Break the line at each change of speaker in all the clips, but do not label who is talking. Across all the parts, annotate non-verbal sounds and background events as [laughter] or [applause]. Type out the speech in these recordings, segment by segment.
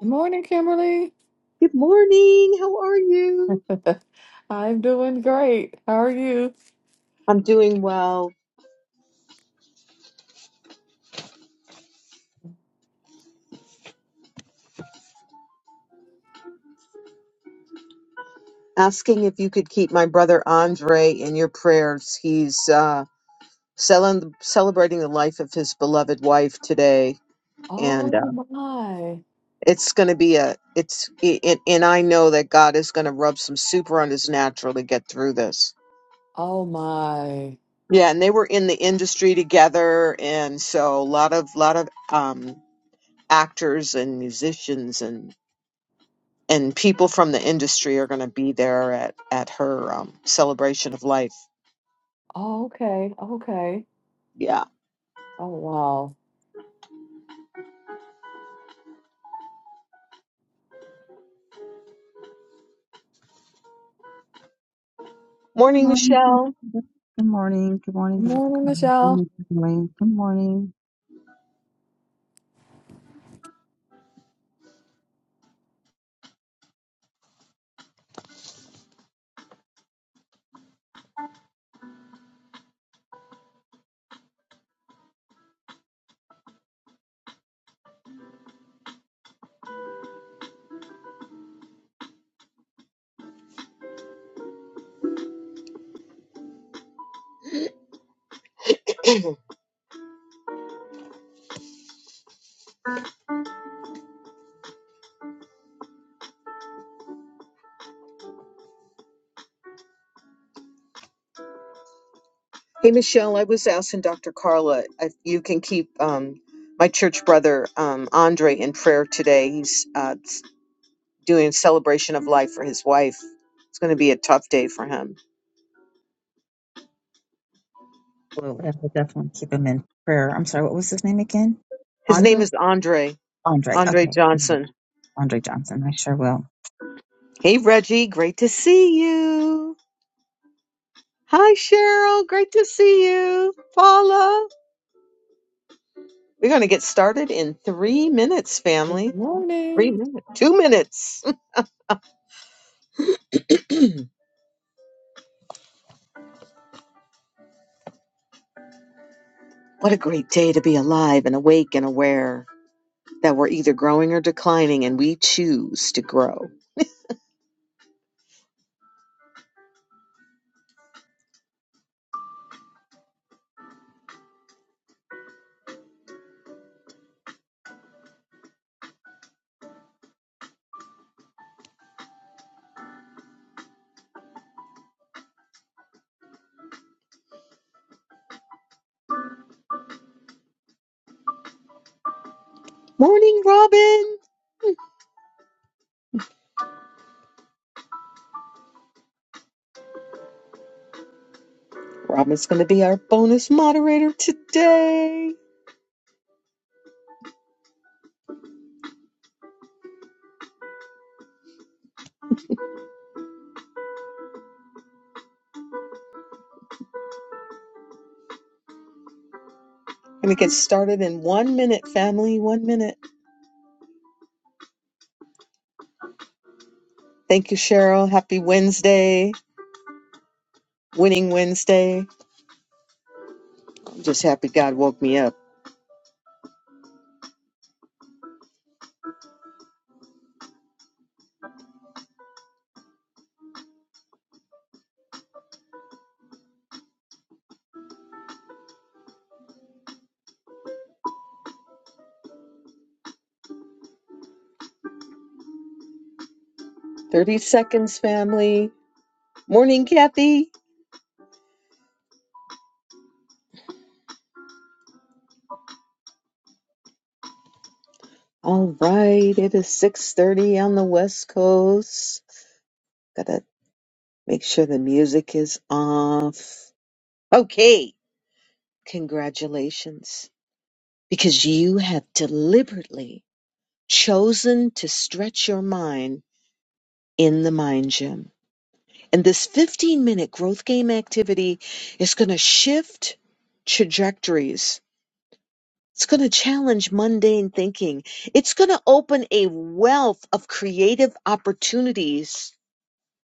Good morning, Kimberly.
Good morning. How are you?
[laughs] I'm doing great. How are you?
I'm doing well. Asking if you could keep my brother Andre in your prayers. He's uh, cel- celebrating the life of his beloved wife today, and
Oh
uh,
my.
it's going to be a it's it, and I know that God is going to rub some super on his natural to get through this.
Oh my.
Yeah, and they were in the industry together, and so a lot of lot of um, actors and musicians and. and people from the industry are going to be there at at her um, celebration of life.
Oh, okay. Okay.
Yeah.
Oh wow.
Good
Morning,
morning.
Michelle.
Councilor. Good morning. Good morning,
Good
Dr.
morning,
Collins. Good
Michelle.
morning. Good morning. Good morning.
Hey, Michelle. I was asking Dr. Carla if you can keep um, my church brother um, Andre in prayer today. He's uh, s- doing a celebration of life for his wife. It's going to be a tough day for him.
Well, I will definitely keep him in prayer. I'm sorry, what was his name again?
His name
Andre?
is Andre.
Andre.
Andre
Okay. Mhm.
Johnson.
Andre Johnson. I sure will.
Hey, Reggie. Great to see you. Hi, Cheryl. Great to see you. Paula. We're going to get started in three minutes,
Good
family. Three
morning.
minutes. Two minutes. [laughs] what a great day to be alive and awake and aware that we're either growing or declining, and we choose to grow. Morning, Robin. Robin's going to be our bonus moderator today. Going to get started in one minute, family. One minute. Thank you, Cheryl. Happy Wednesday. Winning Wednesday. I'm just happy God woke me up. 30 seconds, family. Morning, Kathy. All right, it is 6:30 on the West Coast. Got to make sure the music is off. Okay, congratulations because you have deliberately chosen to stretch your mind in the mind gym. And this 15-minute growth game activity is going to shift trajectories It's going to challenge mundane thinking. It's going to open a wealth of creative opportunities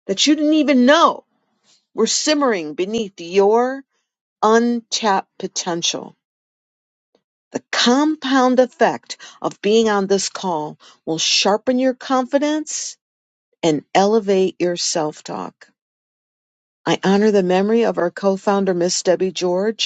that you didn't even know were simmering beneath your untapped potential. The compound effect of being on this call will sharpen your confidence and elevate your self talk. I honor the memory of our co founder, Miss Debbie George.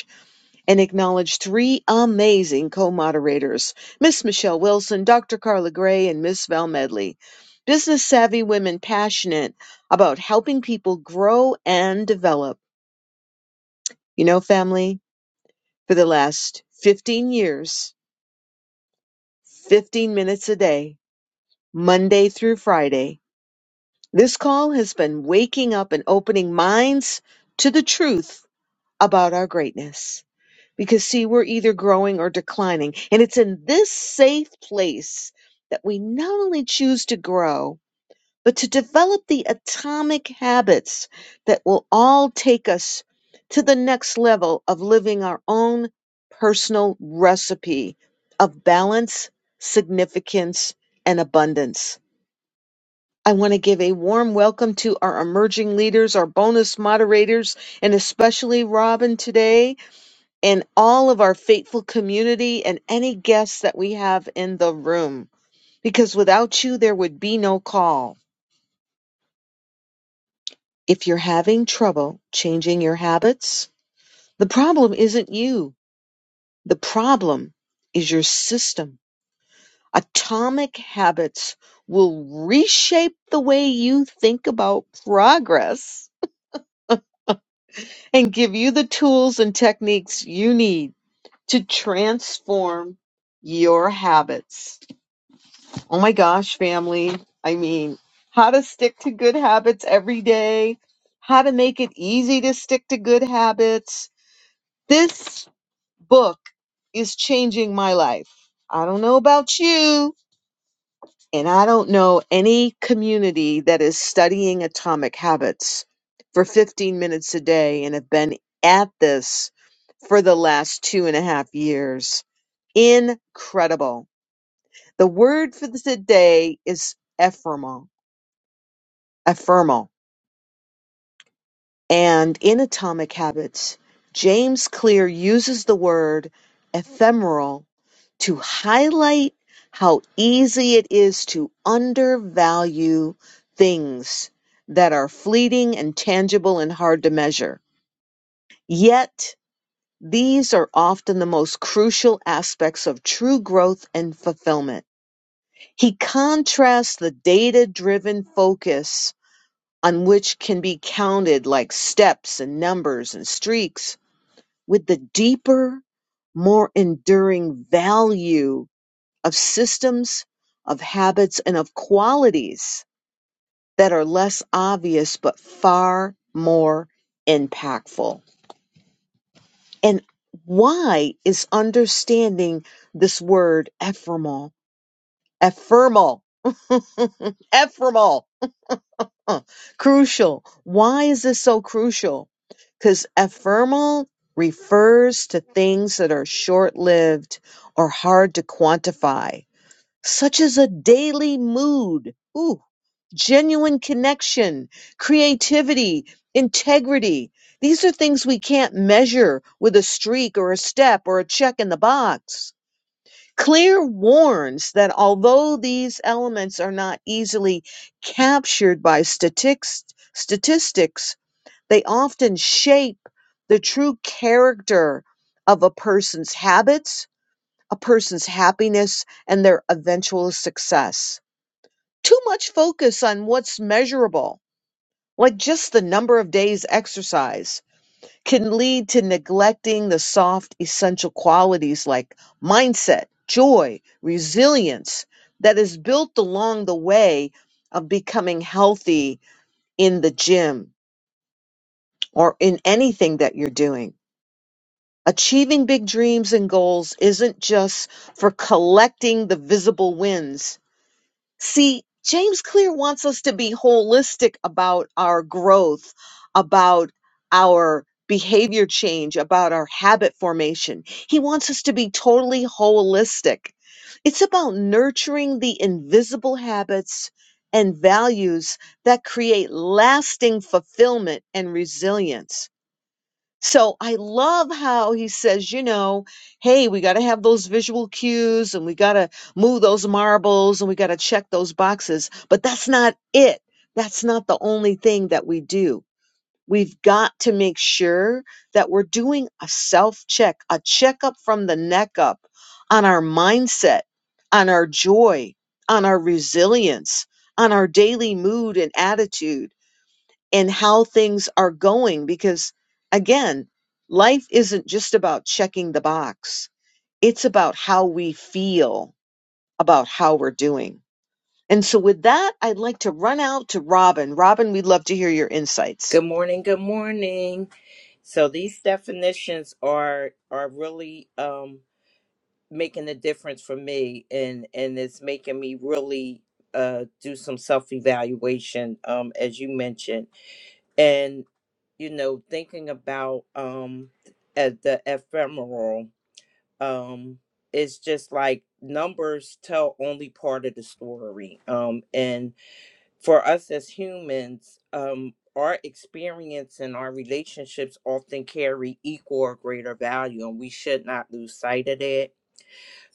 and acknowledge three amazing co-moderators, Miss Michelle Wilson, Dr. Carla Gray, and Miss Val Medley. Business savvy women passionate about helping people grow and develop. You know, family, for the last 15 years, 15 minutes a day, Monday through Friday, this call has been waking up and opening minds to the truth about our greatness. because see we're either growing or declining and it's in this safe place that we not only choose to grow but to develop the atomic habits that will all take us to the next level of living our own personal recipe of balance significance and abundance I want to give a warm welcome to our emerging leaders, our bonus moderators, and especially Robin today and all of our faithful community and any guests that we have in the room. Because without you, there would be no call. If you're having trouble changing your habits, the problem isn't you. The problem is your system. Atomic habits will reshape the way you think about progress and give you the tools and techniques you need to transform your habits. Oh my gosh, family. I mean, how to stick to good habits every day, how to make it easy to stick to good habits. This book is changing my life. I don't know about you, and I don't know any community that is studying atomic habits for 15 minutes a day and have been at this for the last two and a half years. Incredible. The word for the today is ephemeral Ephemeral. And in Atomic Habits, James Clear uses the word ephemeral to highlight how easy it is to undervalue things that are fleeting and tangible and hard to measure. Yet, these are often the most crucial aspects of true growth and fulfillment. He contrasts the data driven focus on which can be counted like steps and numbers and streaks, with the deeper, more enduring value of systems, of habits, and of qualities that are less obvious but far more impactful. And why is understanding this word ephemeral, ephemeral, [laughs] ephemeral? Huh. crucial. Why is this so crucial? Because ephemeral refers to things that are short lived or hard to quantify, such as a daily mood, ooh, genuine connection, creativity, integrity. These are things we can't measure with a streak or a step or a check in the box. Claire warns that although these elements are not easily captured by statics- statistics, they often shape the true character of a person's habits, a person's happiness, and their eventual success. Too much focus on what's measurable, like just the number of days exercise can lead to neglecting the soft essential qualities like mindset, joy, resilience that is built along the way of becoming healthy in the gym or in anything that you're doing. Achieving big dreams and goals isn't just for collecting the visible wins See, James Clear wants us to be holistic about our growth, about our behavior change, about our habit formation. He wants us to be totally holistic. It's about nurturing the invisible habits and values that create lasting fulfillment and resilience. So I love how he says, you know, hey, we got to have those visual cues and we got to move those marbles and we got to check those boxes. But that's not it. That's not the only thing that we do. We've got to make sure that we're doing a self check, a checkup from the neck up on our mindset, on our joy, on our resilience, on our daily mood and attitude and how things are going because again life isn't just about checking the box it's about how we feel about how we're doing and so with that i'd like to run out to robin robin we'd love to hear your insights
Good morning. Good morning. So these definitions are are really um making a difference for me and and it's making me really uh do some self-evaluation um as you mentioned and you know thinking about um at the ephemeral um it's just like numbers tell only part of the story um and for us as humans, um, our experience and our relationships often carry equal or greater value, and we should not lose sight of that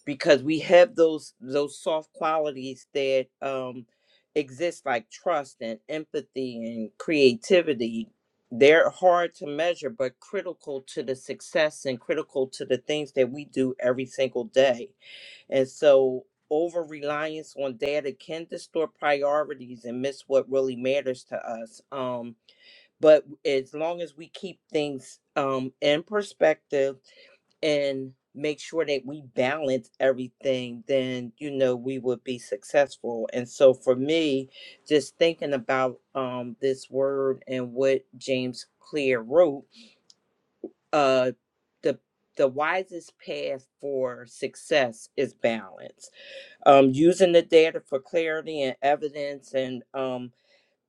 because we have those those soft qualities that um, exist, like trust and empathy and creativity. They're hard to measure, but critical to the success and critical to the things that we do every single day and so over reliance on data can distort priorities and miss what really matters to us. Um, but as long as we keep things um, in perspective and make sure that we balance everything, then you know we would be successful. And so for me, just thinking about um, this word and what James Clear wrote, uh, the the wisest path for success is balance um, using the data for clarity and evidence and um,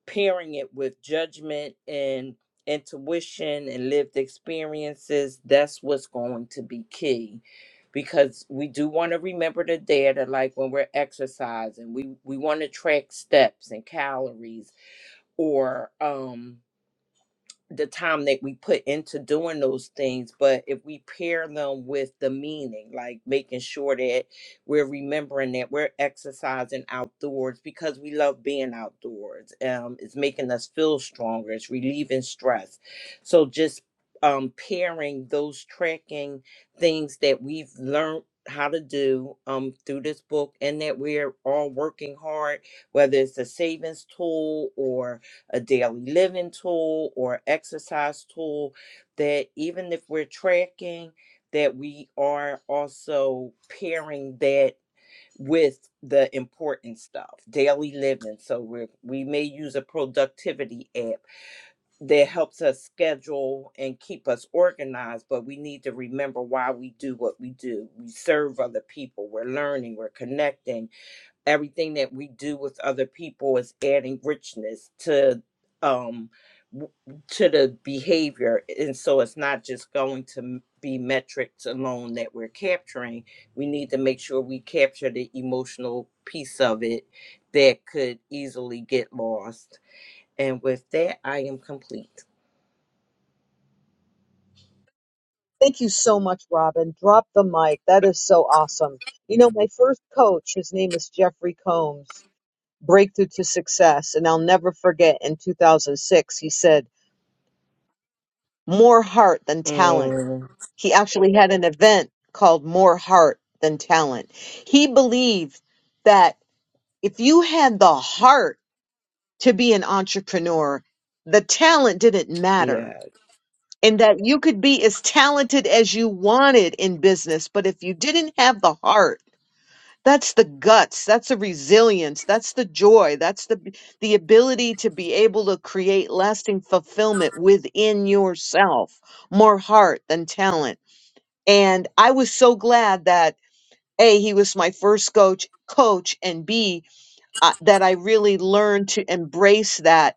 pairing it with judgment and intuition and lived experiences that's what's going to be key because we do want to remember the data like when we're exercising we we want to track steps and calories or um the time that we put into doing those things, but if we pair them with the meaning, like making sure that we're remembering that we're exercising outdoors because we love being outdoors. Um, it's making us feel stronger, it's relieving stress. So just um pairing those tracking things that we've learned how to do um through this book and that we're all working hard, whether it's a savings tool or a daily living tool or exercise tool that even if we're tracking that we are also pairing that with the important stuff daily living so we we may use a productivity app that helps us schedule and keep us organized but we need to remember why we do what we do we serve other people we're learning we're connecting everything that we do with other people is adding richness to um w- to the behavior and so it's not just going to m- be metrics alone that we're capturing we need to make sure we capture the emotional piece of it that could easily get lost and with that i am complete
Thank you so much, Robin. Drop the mic. That is so awesome. You know, my first coach, his name was Jeffrey Combs, Breakthrough to Success. And I'll never forget in 2006, he said, More heart than talent.
Mm,
He actually had an event called More Heart Than Talent. He believed that if you had the heart to be an entrepreneur, the talent didn't matter. And that you could be as talented as you wanted in business, but if you didn't have the heart, that's the guts, that's the resilience, that's the joy, that's the the ability to be able to create lasting fulfillment within yourself, more heart than talent and I was so glad that a he was my first coach, coach, and b uh, that I really learned to embrace that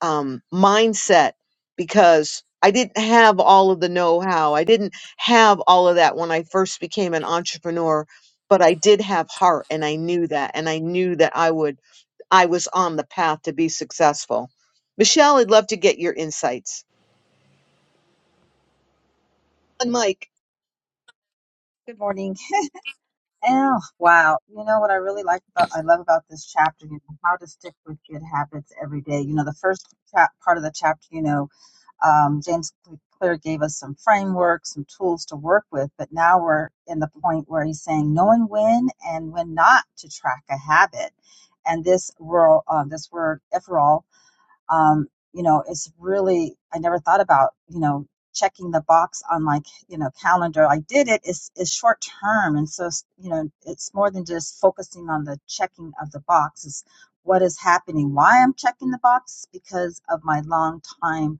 um, mindset because I didn't have all of the know-how. I didn't have all of that when I first became an entrepreneur, but I did have heart, and I knew that, and I knew that I would. I was on the path to be successful. Michelle, I'd love to get your insights. And Mike.
Good morning. Oh, wow. You know what I really like about, I love about this chapter, you know, how to stick with good habits every day. You know, the first chap, part of the chapter, you know, Um, James Clear gave us some frameworks, some tools to work with, but now we're in the point where he's saying knowing when and when not to track a habit. And this rural, uh, this word "eferal," um, you know, it's really I never thought about you know checking the box on my you know calendar. I did it is is short term, and so you know it's more than just focusing on the checking of the box. It's what is happening, why I'm checking the box because of my long time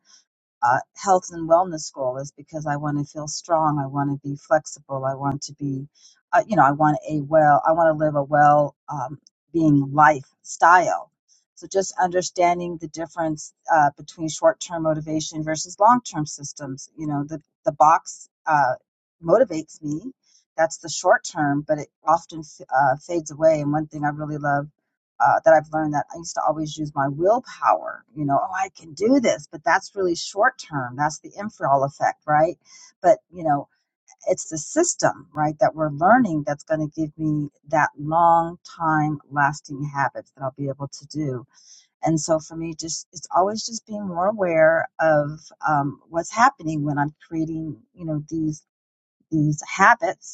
uh, health and wellness goal is because I want to feel strong. I want to be flexible. I want to be, uh, you know, I want a well, I want to live a well um, being lifestyle. So just understanding the difference uh, between short term motivation versus long term systems. You know, the, the box uh, motivates me. That's the short term, but it often f- uh, fades away. And one thing I really love uh, that I've learned that I used to always use my willpower, you know, oh, I can do this, but that's really short term. That's the infrared effect, right? But, you know, it's the system, right, that we're learning that's going to give me that long time lasting habits that I'll be able to do. And so for me, just it's always just being more aware of um, what's happening when I'm creating, you know, these these habits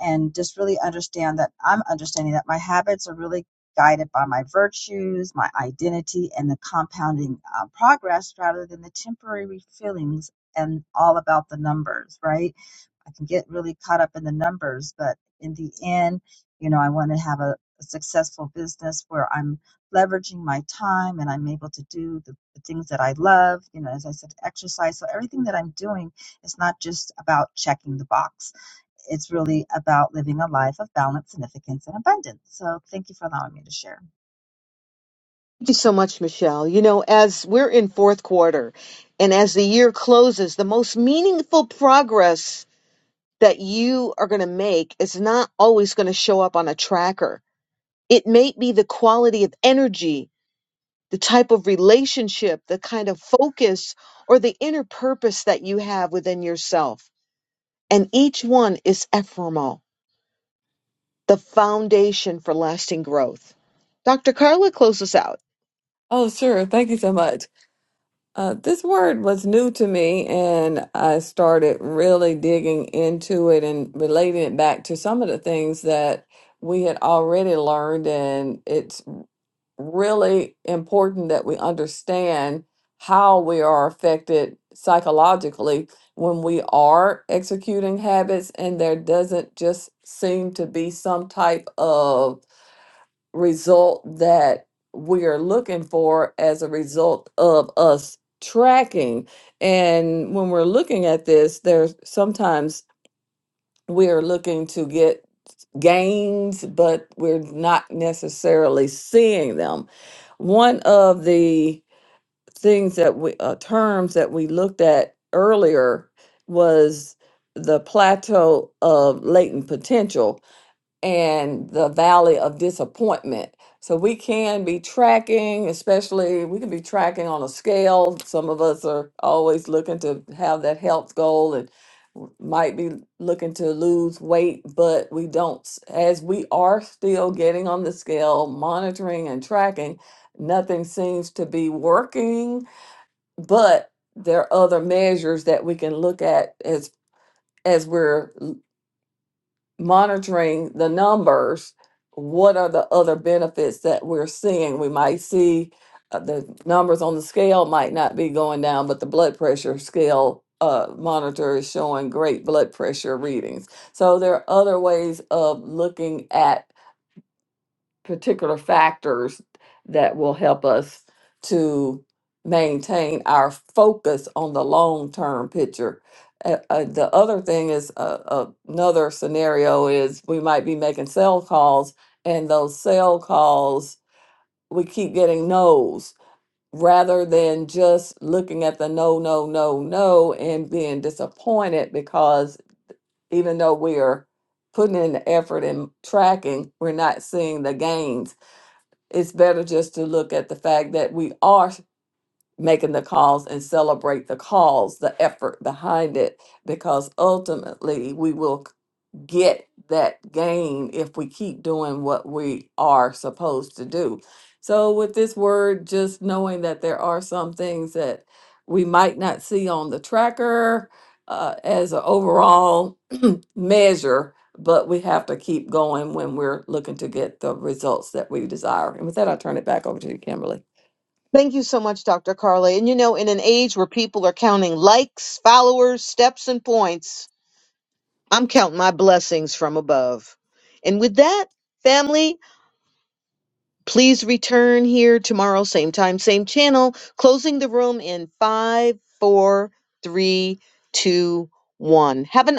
and just really understand that I'm understanding that my habits are really guided by my virtues, my identity, and the compounding uh, progress rather than the temporary feelings and all about the numbers, right? I can get really caught up in the numbers, but in the end, you know, I want to have a, a successful business where I'm leveraging my time and I'm able to do the, the things that I love, you know, as I said, exercise. So everything that I'm doing is not just about checking the box. It's really about living a life of balance, significance, and abundance. So thank you for allowing me to share.
Thank you so much, Michelle. You know, as we're in fourth quarter and as the year closes, the most meaningful progress that you are going to make is not always going to show up on a tracker. It may be the quality of energy, the type of relationship, the kind of focus, or the inner purpose that you have within yourself. And each one is ephemeral, the foundation for lasting growth. Dr. Carla, close us out.
Oh, sure. Thank you so much. Uh, this word was new to me, and I started really digging into it and relating it back to some of the things that we had already learned, and it. really important that we understand how we are affected psychologically when we are executing habits and there doesn't just seem to be some type of result that we are looking for as a result of us tracking and when we're looking at this there's sometimes we're looking to get gains, but we're not necessarily seeing them. One of the things that we, uh, terms that we looked at earlier was the plateau of latent potential and the valley of disappointment. So we can be tracking, especially we can be tracking on a scale. Some of us are always looking to have that health goal and w- might be looking to lose weight, but we don't, s- as we are still getting on the scale, monitoring and tracking, nothing seems to be working, but there are other measures that we can look at as as we're monitoring the numbers, what are the other benefits that we're seeing? We might see uh, the numbers on the scale might not be going down, but the blood pressure scale uh, monitor is showing great blood pressure readings. So there are other ways of looking at particular factors that will help us to maintain our focus on the long term picture. Uh, uh, the other thing is uh, uh, another scenario is we might be making sell calls, and those sell calls we keep getting no's rather than just looking at the no, no, no, no and being disappointed because even though we are putting in the effort and tracking, we're not seeing the gains it's better just to look at the fact that we are making the calls and celebrate the calls, the effort behind it, because ultimately we will get that gain if we keep doing what we are supposed to do. So, with this word, just knowing that there are some things that we might not see on the tracker uh, as an overall [clears throat] measure, but we have to keep going when we're looking to get the results that we desire. And with that, I'll turn it back over to you, Kimberly.
Thank you so much, Dr. Carly. And you know, in an age where people are counting likes, followers, steps, and points, I'm counting my blessings from above. And with that, family, please return here tomorrow, same time, same channel, closing the room in five, four, three, two, one. Have an